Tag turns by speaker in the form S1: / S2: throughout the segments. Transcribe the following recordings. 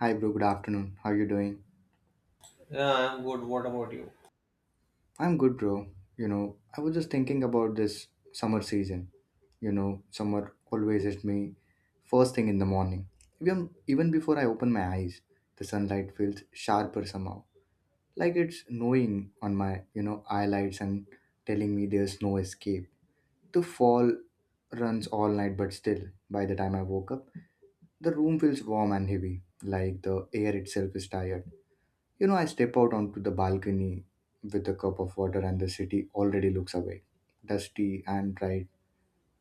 S1: Hi, bro. Good afternoon. How you doing?
S2: Yeah, I'm good. What about you?
S1: I'm good, bro. You know, I was just thinking about this summer season. You know, summer always hits me first thing in the morning. Even before I open my eyes, the sunlight feels sharper somehow. Like it's gnawing on my, you know, eyelids and telling me there's no escape. The fall runs all night, but still, by the time I woke up, the room feels warm and heavy, like the air itself is tired. You know, I step out onto the balcony with a cup of water, and the city already looks away, dusty and bright,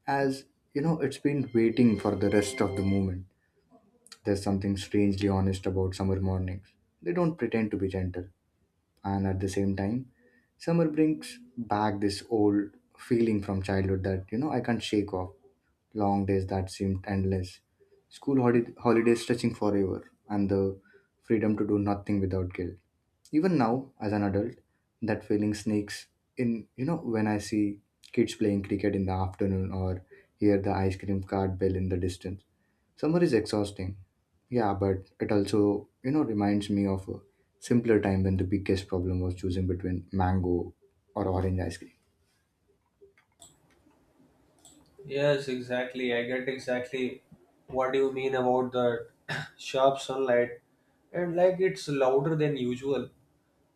S1: as you know, it's been waiting for the rest of the movement. There's something strangely honest about summer mornings. They don't pretend to be gentle, and at the same time, summer brings back this old feeling from childhood that you know I can't shake off. Long days that seemed endless, holidays stretching forever, and the freedom to do nothing without guilt. Even now, as an adult, that feeling sneaks in, you know, when I see kids playing cricket in the afternoon or hear the ice cream cart bell in the distance. Summer is exhausting. Yeah, but it also, you know, reminds me of a simpler time when the biggest problem was choosing between mango or orange ice cream.
S2: Yes, exactly. I get exactly what you mean about that sharp sunlight and like it's louder than usual.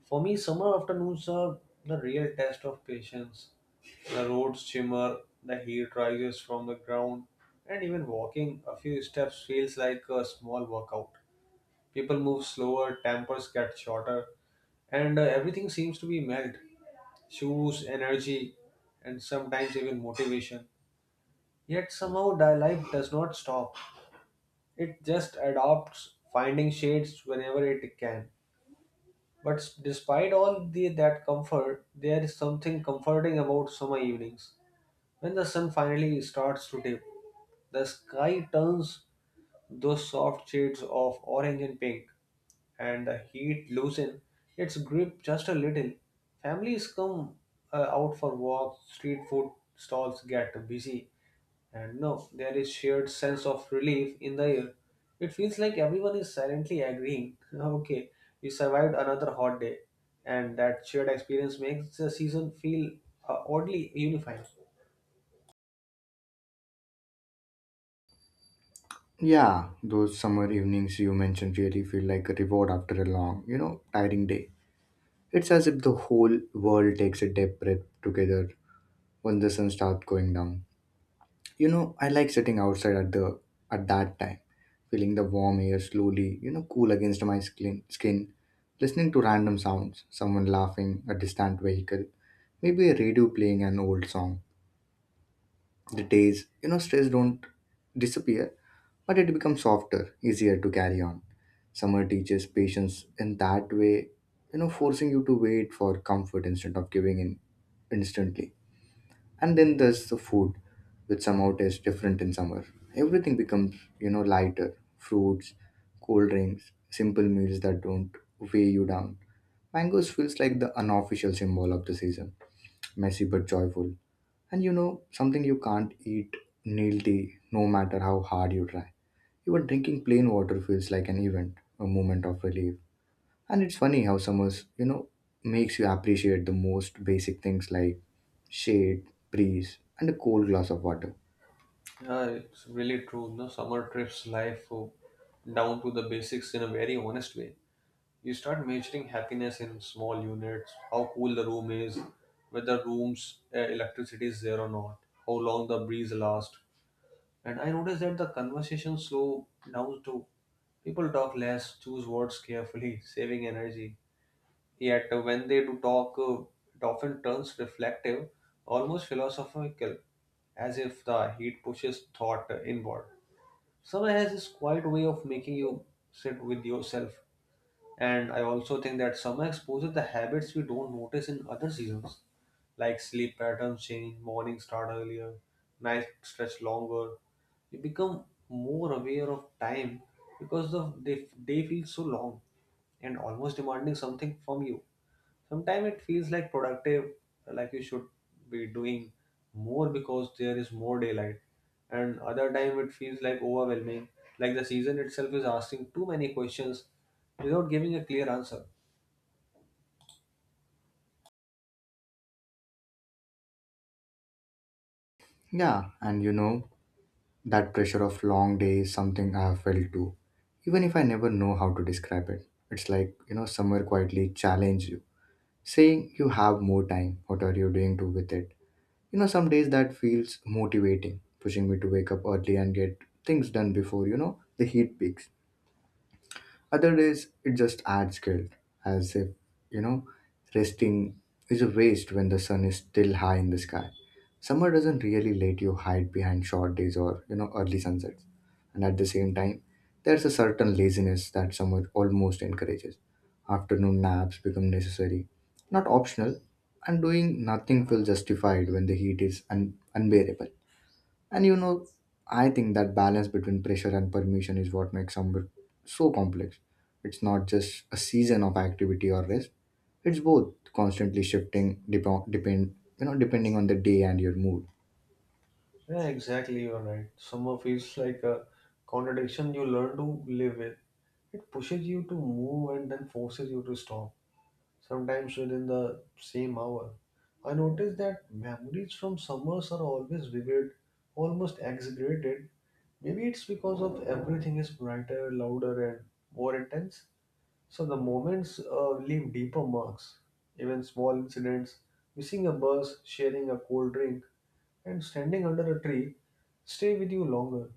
S2: For me, summer afternoons are the real test of patience. The roads shimmer, the heat rises from the ground, and even walking a few steps feels like a small workout. People move slower, tempers get shorter, and everything seems to be melt. Shoes, energy, and sometimes even motivation. Yet somehow life does not stop. It just adopts finding shades whenever it can. But despite that comfort, there is something comforting about summer evenings. When the sun finally starts to dip, the sky turns those soft shades of orange and pink, and the heat loosens its grip just a little. Families come out for walks, street food stalls get busy, and no, there is shared sense of relief in the air. It feels like everyone is silently agreeing. Okay, we survived another hot day, and that shared experience makes the season feel oddly unified.
S1: Yeah, those summer evenings you mentioned really feel like a reward after a long, you know, tiring day. It's as if the whole world takes a deep breath together when the sun starts going down. You know, I like sitting outside at that time, feeling the warm air slowly, you know, cool against my skin, listening to random sounds, someone laughing, a distant vehicle, maybe a radio playing an old song. The days, you know, stress don't disappear, but it becomes softer, easier to carry on. Summer teaches patience in that way, you know, forcing you to wait for comfort instead of giving in instantly. And then there's the food, which somehow tastes different in summer. Everything becomes, you know, lighter fruits, cold drinks, simple meals that don't weigh you down. Mangoes feels like the unofficial symbol of the season, messy but joyful. And you know, something you can't eat nil tea no matter how hard you try. Even drinking plain water feels like an event, a moment of relief. And it's funny how summers, you know, makes you appreciate the most basic things like shade, breeze, and a cold glass of water.
S2: Yeah, it's really true. No, summer trips life down to the basics in a very honest way. You start measuring happiness in small units. How cool the room is, whether room's electricity is there or not, how long the breeze lasts. And I noticed that the conversation slow down too. People talk less, choose words carefully, saving energy. Yet when they do talk, it often turns reflective, almost philosophical, as if the heat pushes thought inward. Summer has this quiet way of making you sit with yourself, and I also think that summer exposes the habits we don't notice in other seasons, like sleep patterns change, mornings start earlier, nights stretch longer. You become more aware of time because the day feels so long and almost demanding something from you. Sometimes it feels like productive, like you should be doing more because there is more daylight, and other time it feels like overwhelming, like the season itself is asking too many questions without giving a clear answer.
S1: Yeah, and you know, that pressure of long days, something I have felt too. Even if I never know how to describe it, it's like, you know, summer quietly challenge you, saying you have more time. What are you doing to with it? You know, some days that feels motivating, pushing me to wake up early and get things done before, you know, the heat peaks. Other days, it just adds guilt, as if, you know, resting is a waste when the sun is still high in the sky. Summer doesn't really let you hide behind short days or, you know, early sunsets. And at the same time, there's a certain laziness that summer almost encourages. Afternoon naps become necessary, not optional, and doing nothing feels justified when the heat is unbearable. And you know, I think that balance between pressure and permission is what makes summer so complex. It's not just a season of activity or rest. It's both constantly shifting dep- depend you know depending on the day and your mood.
S2: Yeah, exactly, you're right. Summer feels like a contradiction you learn to live with. It pushes you to move and then forces you to stop sometimes within the same hour. I noticed that memories from summers are always vivid, almost exaggerated. Maybe it's because of everything is brighter, louder, and more intense. So the moments leave deeper marks. Even small incidents, missing a bus, sharing a cold drink, and standing under a tree stay with you longer,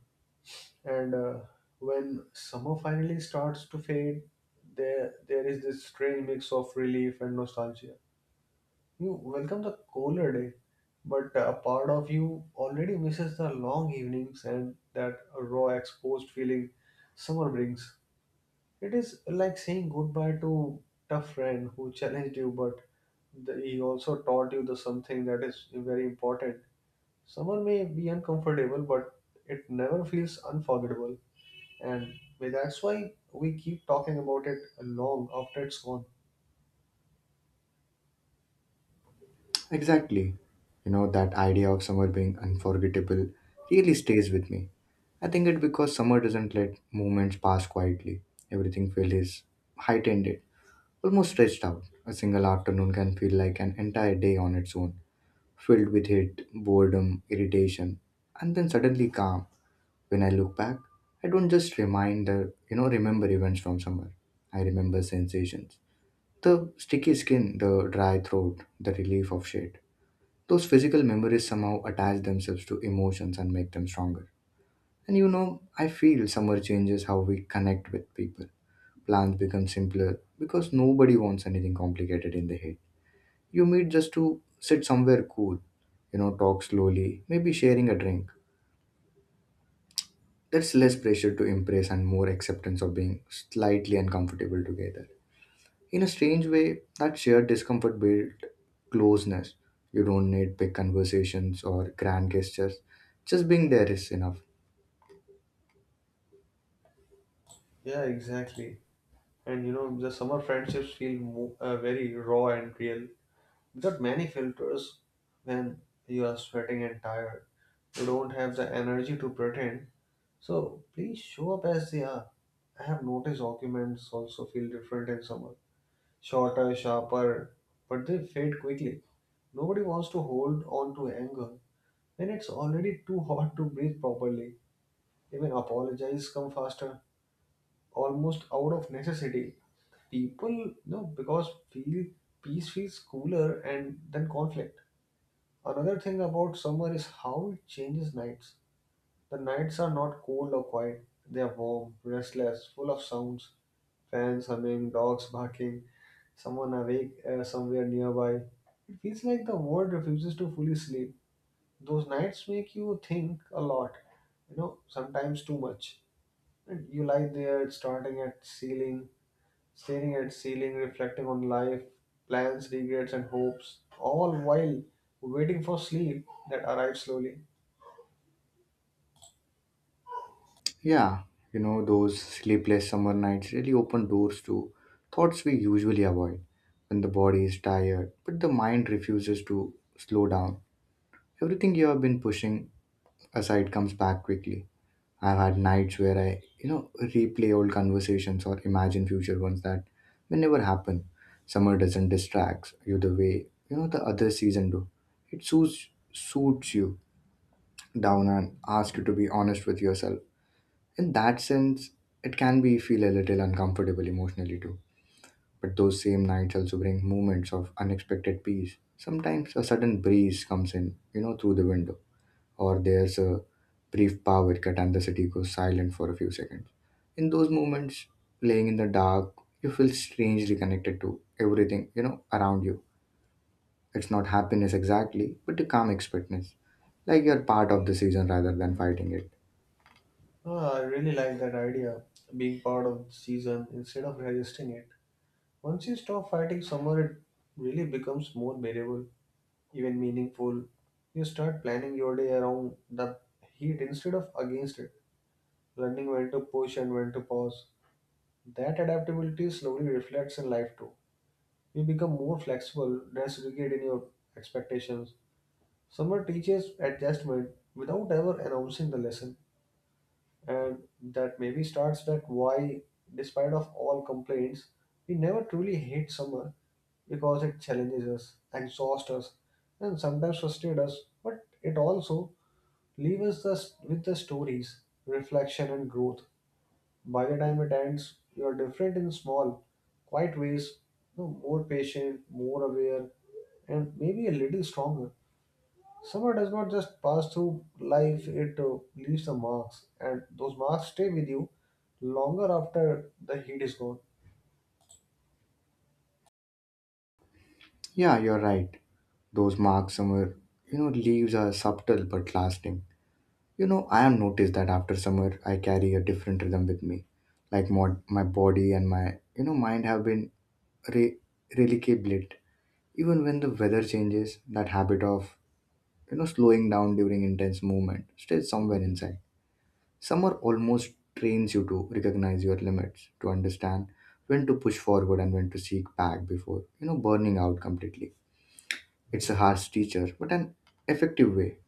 S2: and when summer finally starts to fade, there is this strange mix of relief and nostalgia. You welcome the cooler day, but a part of you already misses the long evenings and that raw exposed feeling summer brings. It is like saying goodbye to tough friend who challenged you, but he also taught you the something that is very important. Summer may be uncomfortable, but it never feels unforgettable, and that's why we keep talking about it long after it's gone.
S1: Exactly. You know that idea of summer being unforgettable really stays with me. I think it because summer doesn't let moments pass quietly. Everything feels heightened, almost stretched out. A single afternoon can feel like an entire day on its own, filled with hate, boredom, irritation, and then suddenly calm. When I look back, I don't just remind the you know remember events from somewhere. I remember sensations. The sticky skin, the dry throat, the relief of shade. Those physical memories somehow attach themselves to emotions and make them stronger. And you know, I feel summer changes how we connect with people. Plans become simpler because nobody wants anything complicated in the heat. You meet just to sit somewhere cool, you know, talk slowly, maybe sharing a drink. That's less pressure to impress and more acceptance of being slightly uncomfortable together. In a strange way, that shared discomfort builds closeness. You don't need big conversations or grand gestures. Just being there is enough.
S2: Yeah, exactly. And you know, the summer friendships feel very raw and real. Without many filters, when you are sweating and tired, you don't have the energy to pretend. So please show up as they are. I have noticed arguments also feel different in summer. Shorter, sharper, but they fade quickly. Nobody wants to hold on to anger when it's already too hot to breathe properly. Even apologize come faster, almost out of necessity. People, you know, because feel peace feels cooler and than conflict. Another thing about summer is how it changes nights. The nights are not cold or quiet, they are warm, restless, full of sounds. Fans humming, dogs barking, someone awake somewhere nearby. It feels like the world refuses to fully sleep. Those nights make you think a lot, you know, sometimes too much. You lie there, starting at ceiling, staring at ceiling, reflecting on life, plans, regrets, and hopes, all while waiting for sleep that arrives slowly.
S1: Yeah, you know, those sleepless summer nights really open doors to thoughts we usually avoid when the body is tired, but the mind refuses to slow down. Everything you have been pushing aside comes back quickly. I've had nights where I, you know, replay old conversations or imagine future ones that may never happen. Summer doesn't distract you the way, you know, the other season do. It suits you down and asks you to be honest with yourself. In that sense, it can be feel a little uncomfortable emotionally too. But those same nights also bring moments of unexpected peace. Sometimes a sudden breeze comes in, you know, through the window or there's a brief power cut and the city goes silent for a few seconds. In those moments, laying in the dark, you feel strangely connected to everything, you know, around you. It's not happiness exactly, but a calm expectness. Like you're part of the season rather than fighting it.
S2: Ah, I really like that idea, being part of the season instead of resisting it. Once you stop fighting summer, it really becomes more bearable, even meaningful. You start planning your day around the heat instead of against it, learning when to push and when to pause. That adaptability slowly reflects in life too. You become more flexible, less rigid in your expectations. Summer teaches adjustment without ever announcing the lesson, and that maybe starts that why, despite of all complaints, we never truly hate summer, because it challenges us, exhausts us, and sometimes frustrates us, but it also leaves us with the stories, reflection, and growth. By the time it ends, you are different in small, quiet ways, you know, more patient, more aware, and maybe a little stronger. Summer does not just pass through life, it leaves the marks, and those marks stay with you longer after the heat is gone.
S1: Yeah, you're right. Those marks somewhere, you know, leaves are subtle but lasting. You know, I have noticed that after summer, I carry a different rhythm with me. Like my body and my, you know, mind have been re- relicablet. Even when the weather changes, that habit of, you know, slowing down during intense movement stays somewhere inside. Summer almost trains you to recognize your limits, to understand when to push forward and when to seek back before, you know, burning out completely. It's a harsh teacher, but an effective way.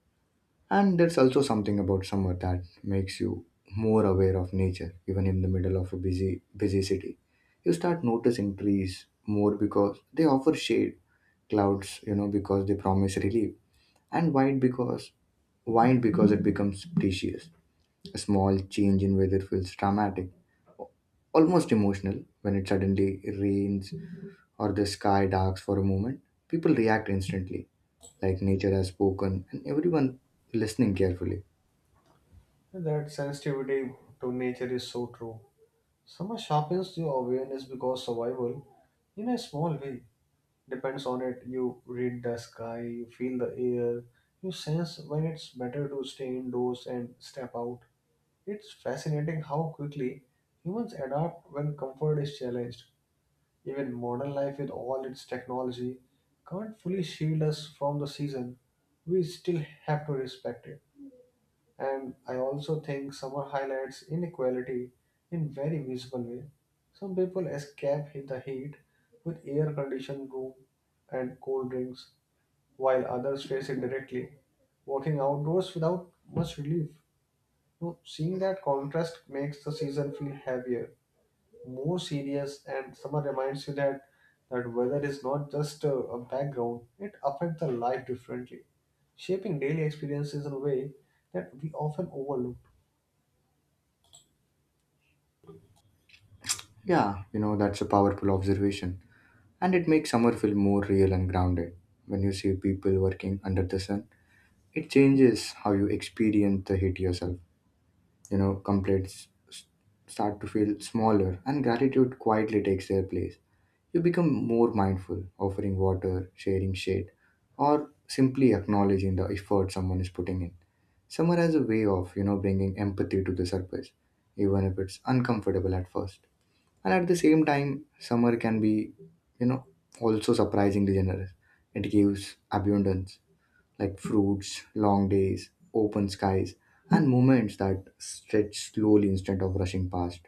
S1: And there's also something about summer that makes you more aware of nature, even in the middle of a busy city. You start noticing trees more because they offer shade, clouds, you know, because they promise relief, and wine because it becomes precious. A small change in weather feels dramatic, almost emotional when it suddenly rains or the sky darks for a moment. People react instantly, like nature has spoken, and everyone listening carefully.
S2: And that sensitivity to nature is so true. Summer sharpens your awareness because survival in a small way depends on it. You read the sky, you feel the air, you sense when it's better to stay indoors and step out. It's fascinating how quickly humans adapt when comfort is challenged. Even modern life, with all its technology, can't fully shield us from the season. We still have to respect it. And I also think summer highlights inequality in very visible way. Some people escape in the heat with air-conditioned room and cold drinks, while others face it directly, walking outdoors without much relief. No, seeing that contrast makes the season feel heavier, more serious, and summer reminds you that that weather is not just a background; it affects the life differently, shaping daily experiences in a way that we often overlook.
S1: Yeah, you know, that's a powerful observation. And it makes summer feel more real and grounded. When you see people working under the sun, it changes how you experience the heat yourself. You know, start to feel smaller, and gratitude quietly takes their place. You become more mindful, offering water, sharing shade, or simply acknowledging the effort someone is putting in. Summer has a way of, you know, bringing empathy to the surface, even if it's uncomfortable at first. And at the same time, summer can be, you know, also surprisingly generous. It gives abundance like fruits, long days, open skies, and moments that stretch slowly instead of rushing past.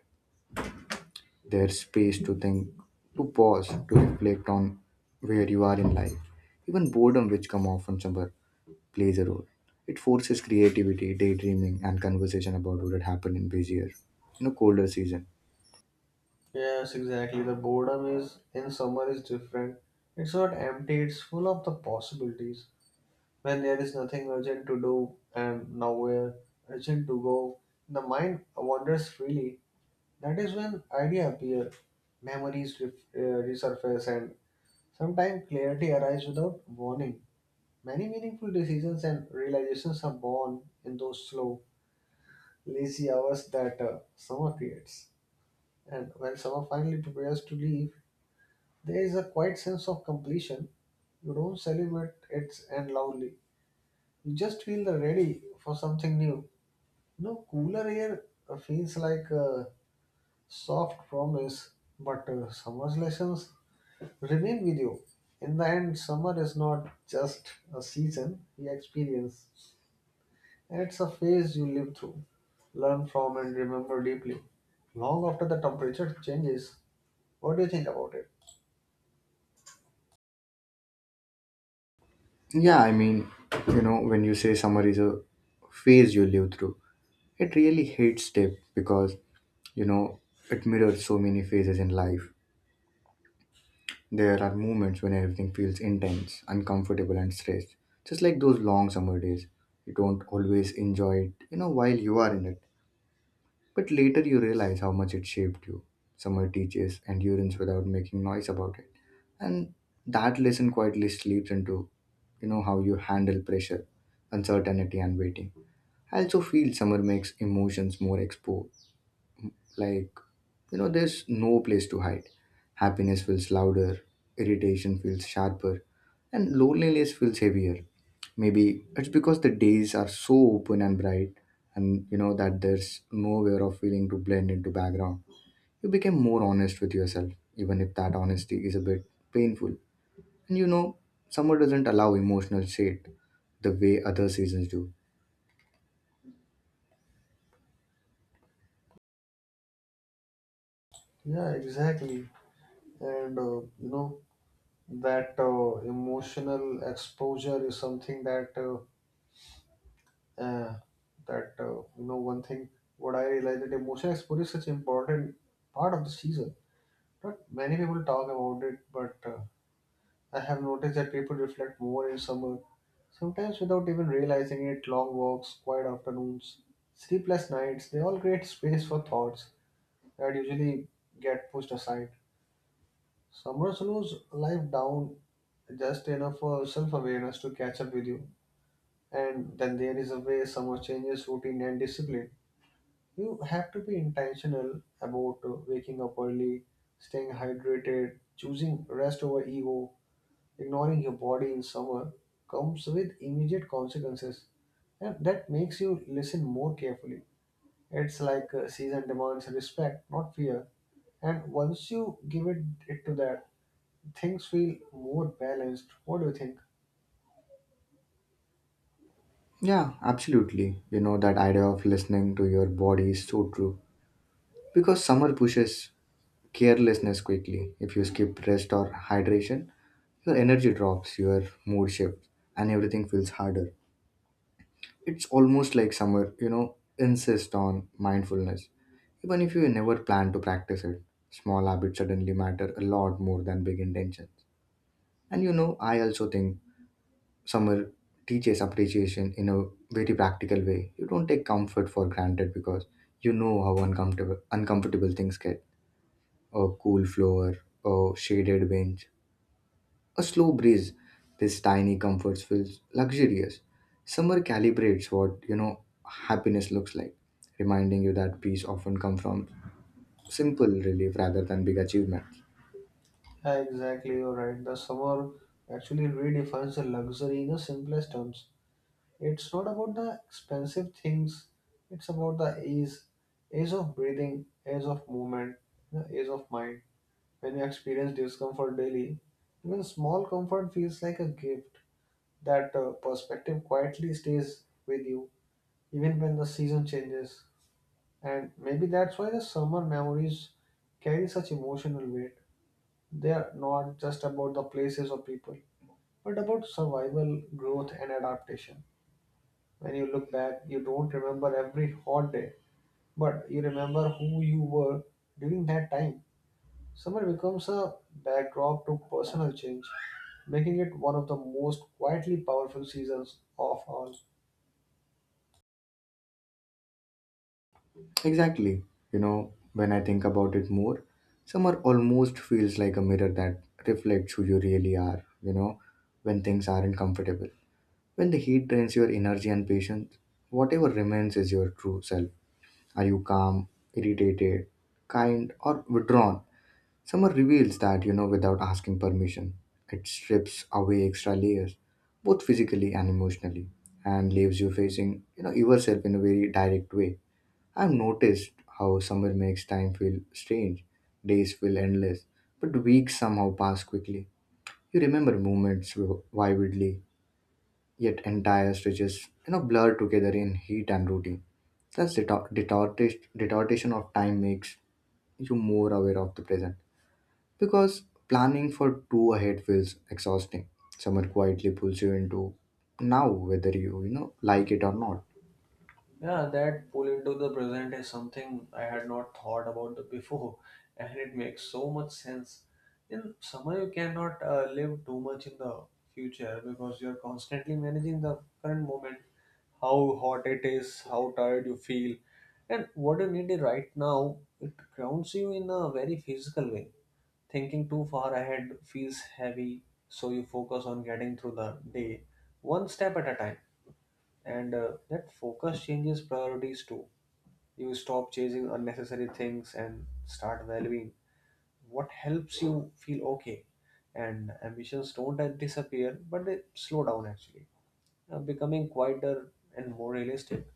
S1: There's space to think, to pause, to reflect on where you are in life. Even boredom, which come often summer, plays a role. It forces creativity, daydreaming, and conversation about what had happened in busier, you know, colder season.
S2: Yes, exactly. The boredom is in summer is different. It's not empty, it's full of the possibilities. When there is nothing urgent to do and nowhere urgent to go, the mind wanders freely. That is when ideas appear, memories resurface, and sometimes clarity arrives without warning. Many meaningful decisions and realizations are born in those slow, lazy hours that summer creates. And when summer finally prepares to leave, there is a quiet sense of completion. You don't celebrate its end loudly. You just feel the ready for something new. You know, cooler air feels like a soft promise, but summer's lessons remain with you. In the end, summer is not just a season you experience, it's a phase you live through, learn from, and remember deeply. Long after the temperature changes, what do you think about it?
S1: Yeah, I mean, you know, when you say summer is a phase you live through, it really hits deep because, you know, it mirrors so many phases in life. There are moments when everything feels intense, uncomfortable, and stressed, just like those long summer days. You don't always enjoy it, you know, while you are in it, but later you realize how much it shaped you. Summer teaches endurance without making noise about it. And that lesson quietly sleeps into, you know, how you handle pressure, uncertainty, and waiting. I also feel summer makes emotions more exposed like, you know, there's no place to hide. Happiness feels louder, irritation feels sharper, and loneliness feels heavier. Maybe it's because the days are so open and bright, and you know that there's nowhere of feeling to blend into background. You became more honest with yourself, even if that honesty is a bit painful. And you know, summer doesn't allow emotional shade the way other seasons do.
S2: Yeah, exactly. And you know, that emotional exposure is something that uh, that you know, one thing what I realized, that emotional exposure is such important part of the season. Not many people talk about it, but I have noticed that people reflect more in summer, sometimes without even realizing it. Long walks, quiet afternoons, sleepless nights—they all create space for thoughts that usually get pushed aside. Summer slows life down just enough for self awareness to catch up with you. And then there is a way summer changes routine and discipline. You have to be intentional about waking up early, staying hydrated, choosing rest over ego, ignoring your body in summer comes with immediate consequences. And that makes you listen more carefully. It's like season demands respect, not fear. And once you give it to that, things feel more balanced. What do you think?
S1: Yeah, absolutely. You know, that idea of listening to your body is so true. Because summer pushes carelessness quickly. If you skip rest or hydration, your energy drops, your mood shifts, and everything feels harder. It's almost like summer, you know, insist on mindfulness, even if you never plan to practice it. Small habits suddenly matter a lot more than big intentions. And you know, I also think summer teaches appreciation in a very practical way. You don't take comfort for granted because you know how uncomfortable things get, a cool floor, a shaded bench, a slow breeze. This tiny comforts feels luxurious. Summer calibrates what happiness looks like, reminding you that peace often comes from simple relief rather than big achievements.
S2: Yeah, exactly, you're right. The summer actually redefines the luxury in the simplest terms. It's not about the expensive things, it's about the ease, ease of breathing, ease of movement, the ease of mind. When you experience discomfort daily, even small comfort feels like a gift. That perspective quietly stays with you, even when the season changes. And maybe that's why the summer memories carry such emotional weight. They are not just about the places or people, but about survival, growth, and adaptation. When you look back, you don't remember every hot day, but you remember who you were during that time. Summer becomes a backdrop to personal change, making it one of the most quietly powerful seasons of all.
S1: Exactly. When I think about it more, summer almost feels like a mirror that reflects who you really are, when things aren't comfortable. When the heat drains your energy and patience, whatever remains is your true self. Are you calm, irritated, kind, or withdrawn? Summer reveals that, without asking permission. It strips away extra layers, both physically and emotionally, and leaves you facing, yourself in a very direct way. I've noticed how summer makes time feel strange. Days feel endless, but weeks somehow pass quickly. You remember moments vividly, yet entire stretches blur together in heat and routine. Thus, detortation of time makes you more aware of the present because planning for two ahead feels exhausting. Someone quietly pulls you into now, whether you you know like it or not.
S2: Yeah, that pull into the present is something I had not thought about the before, and it makes so much sense. In summer, you cannot live too much in the future because you're constantly managing the current moment, how hot it is, how tired you feel, and what you need right now. It grounds you in a very physical way. Thinking too far ahead feels heavy, so you focus on getting through the day one step at a time, and that focus changes priorities too. You stop chasing unnecessary things and start valuing what helps you feel okay, and ambitions don't disappear, but they slow down actually, becoming quieter and more realistic.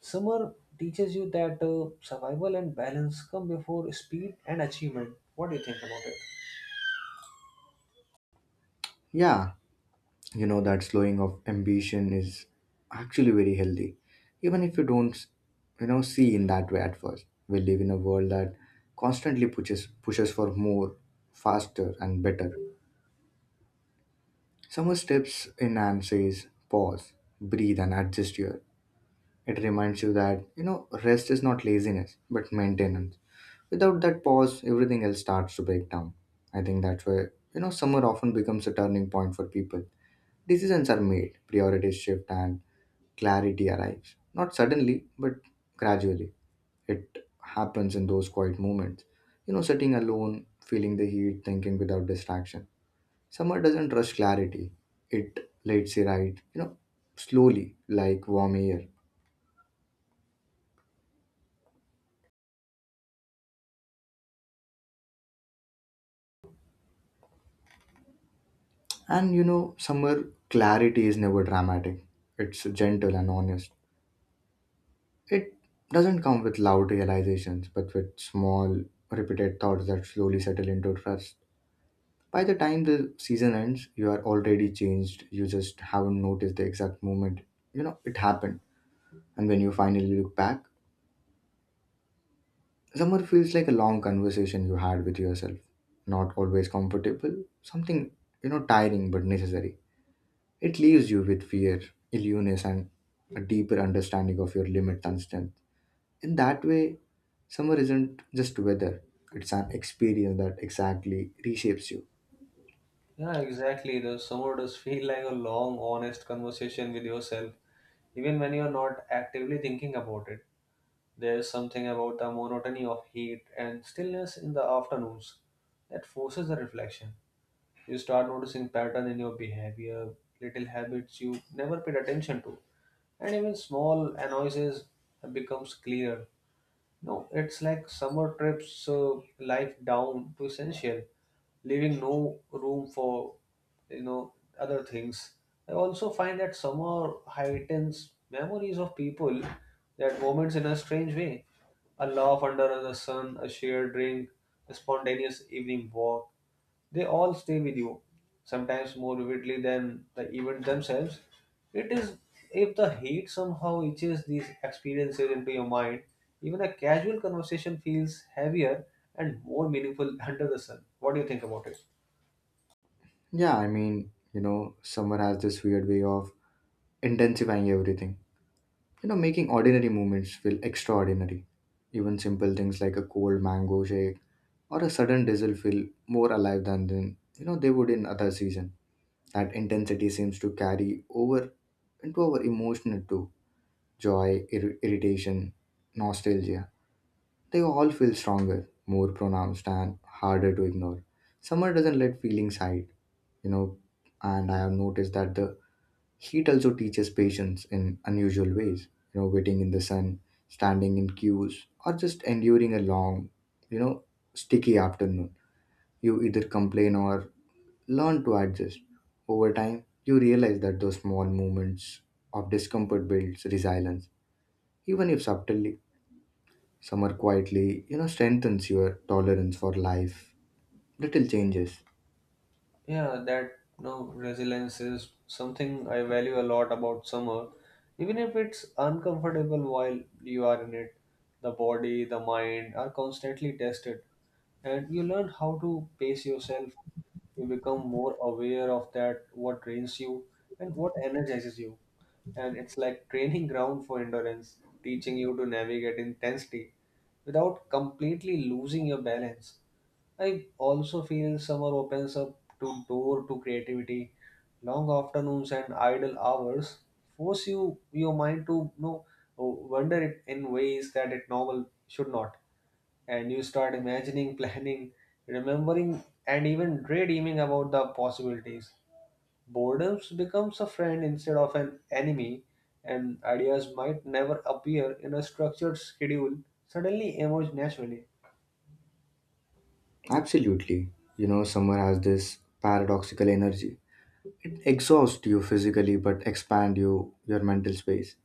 S2: Summer teaches you that survival and balance come before speed and achievement. What do you think about it?
S1: Yeah, you know that slowing of ambition is actually very healthy, even if you don't see in that way at first. We live in a world that constantly pushes for more, faster, and better. Someone steps in and says, pause, breathe, and adjust your. It reminds you that, rest is not laziness, but maintenance. Without that pause, everything else starts to break down. I think that's where, summer often becomes a turning point for people. Decisions are made, priorities shift, and clarity arrives. Not suddenly, but gradually. It happens in those quiet moments. Sitting alone, feeling the heat, thinking without distraction. Summer doesn't rush clarity. It lets it ride, slowly like warm air. And summer clarity is never dramatic. It's gentle and honest. It doesn't come with loud realizations, but with small, repeated thoughts that slowly settle into trust. By the time the season ends, you are already changed. You just haven't noticed the exact moment, it happened. And when you finally look back, summer feels like a long conversation you had with yourself. Not always comfortable, something, tiring but necessary. It leaves you with fear, illness, and a deeper understanding of your limits and strength. In that way, summer isn't just weather, it's an experience that exactly reshapes you.
S2: Yeah, exactly. The summer does feel like a long, honest conversation with yourself, even when you're not actively thinking about it. There is something about the monotony of heat and stillness in the afternoons that forces a reflection. You start noticing pattern in your behavior, little habits you never paid attention to, and even small annoyances becomes clearer. No, it's like summer trips life down to essential, leaving no room for other things. I also find that summer heightens memories of people, that moments in a strange way. A laugh under the sun, a shared drink, a spontaneous evening walk. They all stay with you, sometimes more vividly than the event themselves. It is if the heat somehow etches these experiences into your mind, even a casual conversation feels heavier and more meaningful under the sun. What do you think about it?
S1: Yeah, I mean, summer has this weird way of intensifying everything, making ordinary moments feel extraordinary. Even simple things like a cold mango shake or a sudden drizzle feel more alive than then they would in other season. That intensity seems to carry over into our emotional too. Joy, irritation, nostalgia. They all feel stronger, more pronounced, and harder to ignore. Summer doesn't let feelings hide, you know, and I have noticed that the heat also teaches patience in unusual ways. Waiting in the sun, standing in queues, or just enduring a long, you know, sticky afternoon, you either complain or learn to adjust. Over time, you realize that those small moments of discomfort builds resilience, even if subtly. Some quietly, strengthens your tolerance for life. Little changes.
S2: Yeah, that, you know, resilience is something I value a lot about summer. Even if it's uncomfortable while you are in it, the body, the mind are constantly tested, and you learn how to pace yourself. You become more aware of that, what drains you and what energizes you. And it's like training ground for endurance, teaching you to navigate intensity without completely losing your balance. I also feel summer opens up to door to creativity. Long afternoons and idle hours force you your mind to, you know, wonder it in ways that it normal should not, and you start imagining, planning, remembering, and even daydreaming about the possibilities. Boredom becomes a friend instead of an enemy, and ideas might never appear in a structured schedule suddenly emerge naturally.
S1: Absolutely. Summer has this paradoxical energy. It exhausts you physically but expand you your mental space.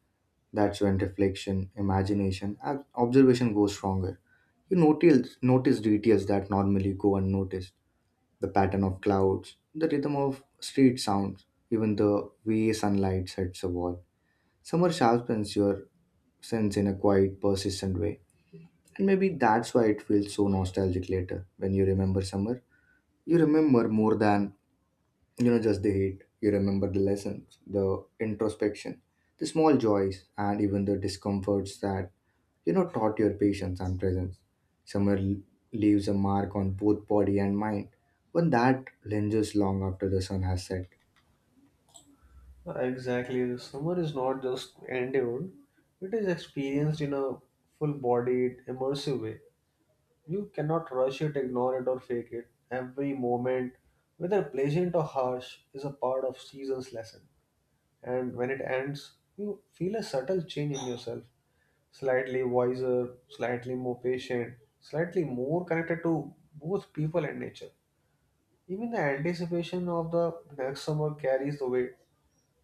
S1: That's when reflection, imagination, and observation goes stronger. You notice details that normally go unnoticed, the pattern of clouds, the rhythm of street sounds, even the way sunlight hits a wall. Summer sharpens your sense in a quiet, persistent way. And maybe that's why it feels so nostalgic later. When you remember summer, you remember more than just the hate, you remember the lessons, the introspection, the small joys, and even the discomforts that taught your patience and presence. summer l- leaves a mark on both body and mind, but that lingers long after the sun has set.
S2: Exactly. The summer is not just endured, it is experienced in a full bodied, immersive way. You cannot rush it, ignore it, or fake it. Every moment, whether pleasant or harsh, is a part of season's lesson. And when it ends, you feel a subtle change in yourself, slightly wiser, slightly more patient, slightly more connected to both people and nature. Even the anticipation of the next summer carries the weight.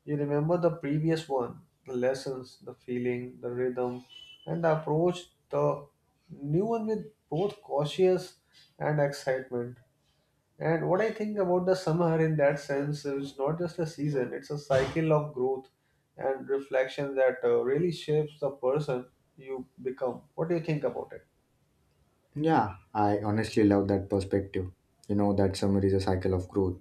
S2: You remember the previous one, the lessons, the feeling, the rhythm, and the approach, the new one with both cautious and excitement. And what I think about the summer in that sense is not just a season, it's a cycle of growth and reflection that really shapes the person you become. What do you think about it?
S1: Yeah, I honestly love that perspective, you know, that summer is a cycle of growth.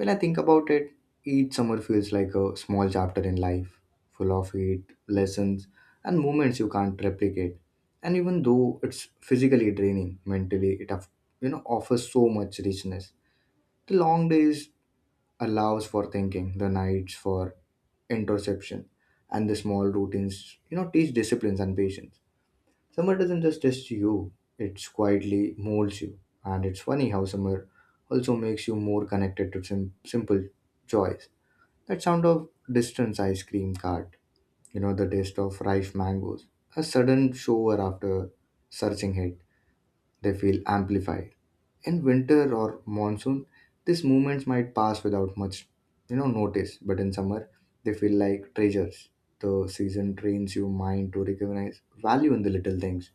S1: When I think about it, each summer feels like a small chapter in life, full of heat, lessons, and moments you can't replicate. And even though it's physically draining, mentally offers so much richness. The long days allows for thinking, the nights for introspection, and the small routines teach disciplines and patience. Summer doesn't just test you, it quietly molds you. And it's funny how summer also makes you more connected to simple joys. That sound of distance ice cream cart, the taste of ripe mangoes, a sudden shower after searching heat, they feel amplified. In winter or monsoon, these moments might pass without much, notice, but in summer, they feel like treasures. The season trains your mind to recognize value in the little things.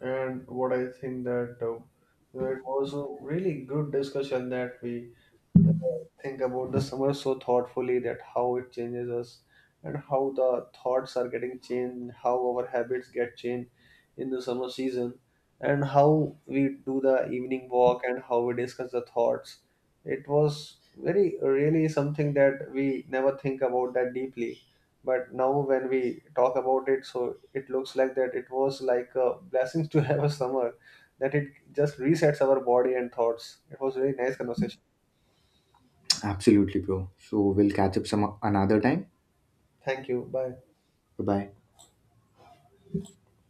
S2: And what I think that you know, it was a really good discussion, that we think about the summer so thoughtfully, that how it changes us and how the thoughts are getting changed, how our habits get changed in the summer season, and how we do the evening walk and how we discuss the thoughts. It was very really something that we never think about that deeply, but now when we talk about it, so it looks like that it was like a blessing to have a summer, that it just resets our body and thoughts. It was really nice conversation.
S1: Absolutely, bro. So we'll catch up some another time.
S2: Thank you. Bye.
S1: Bye bye.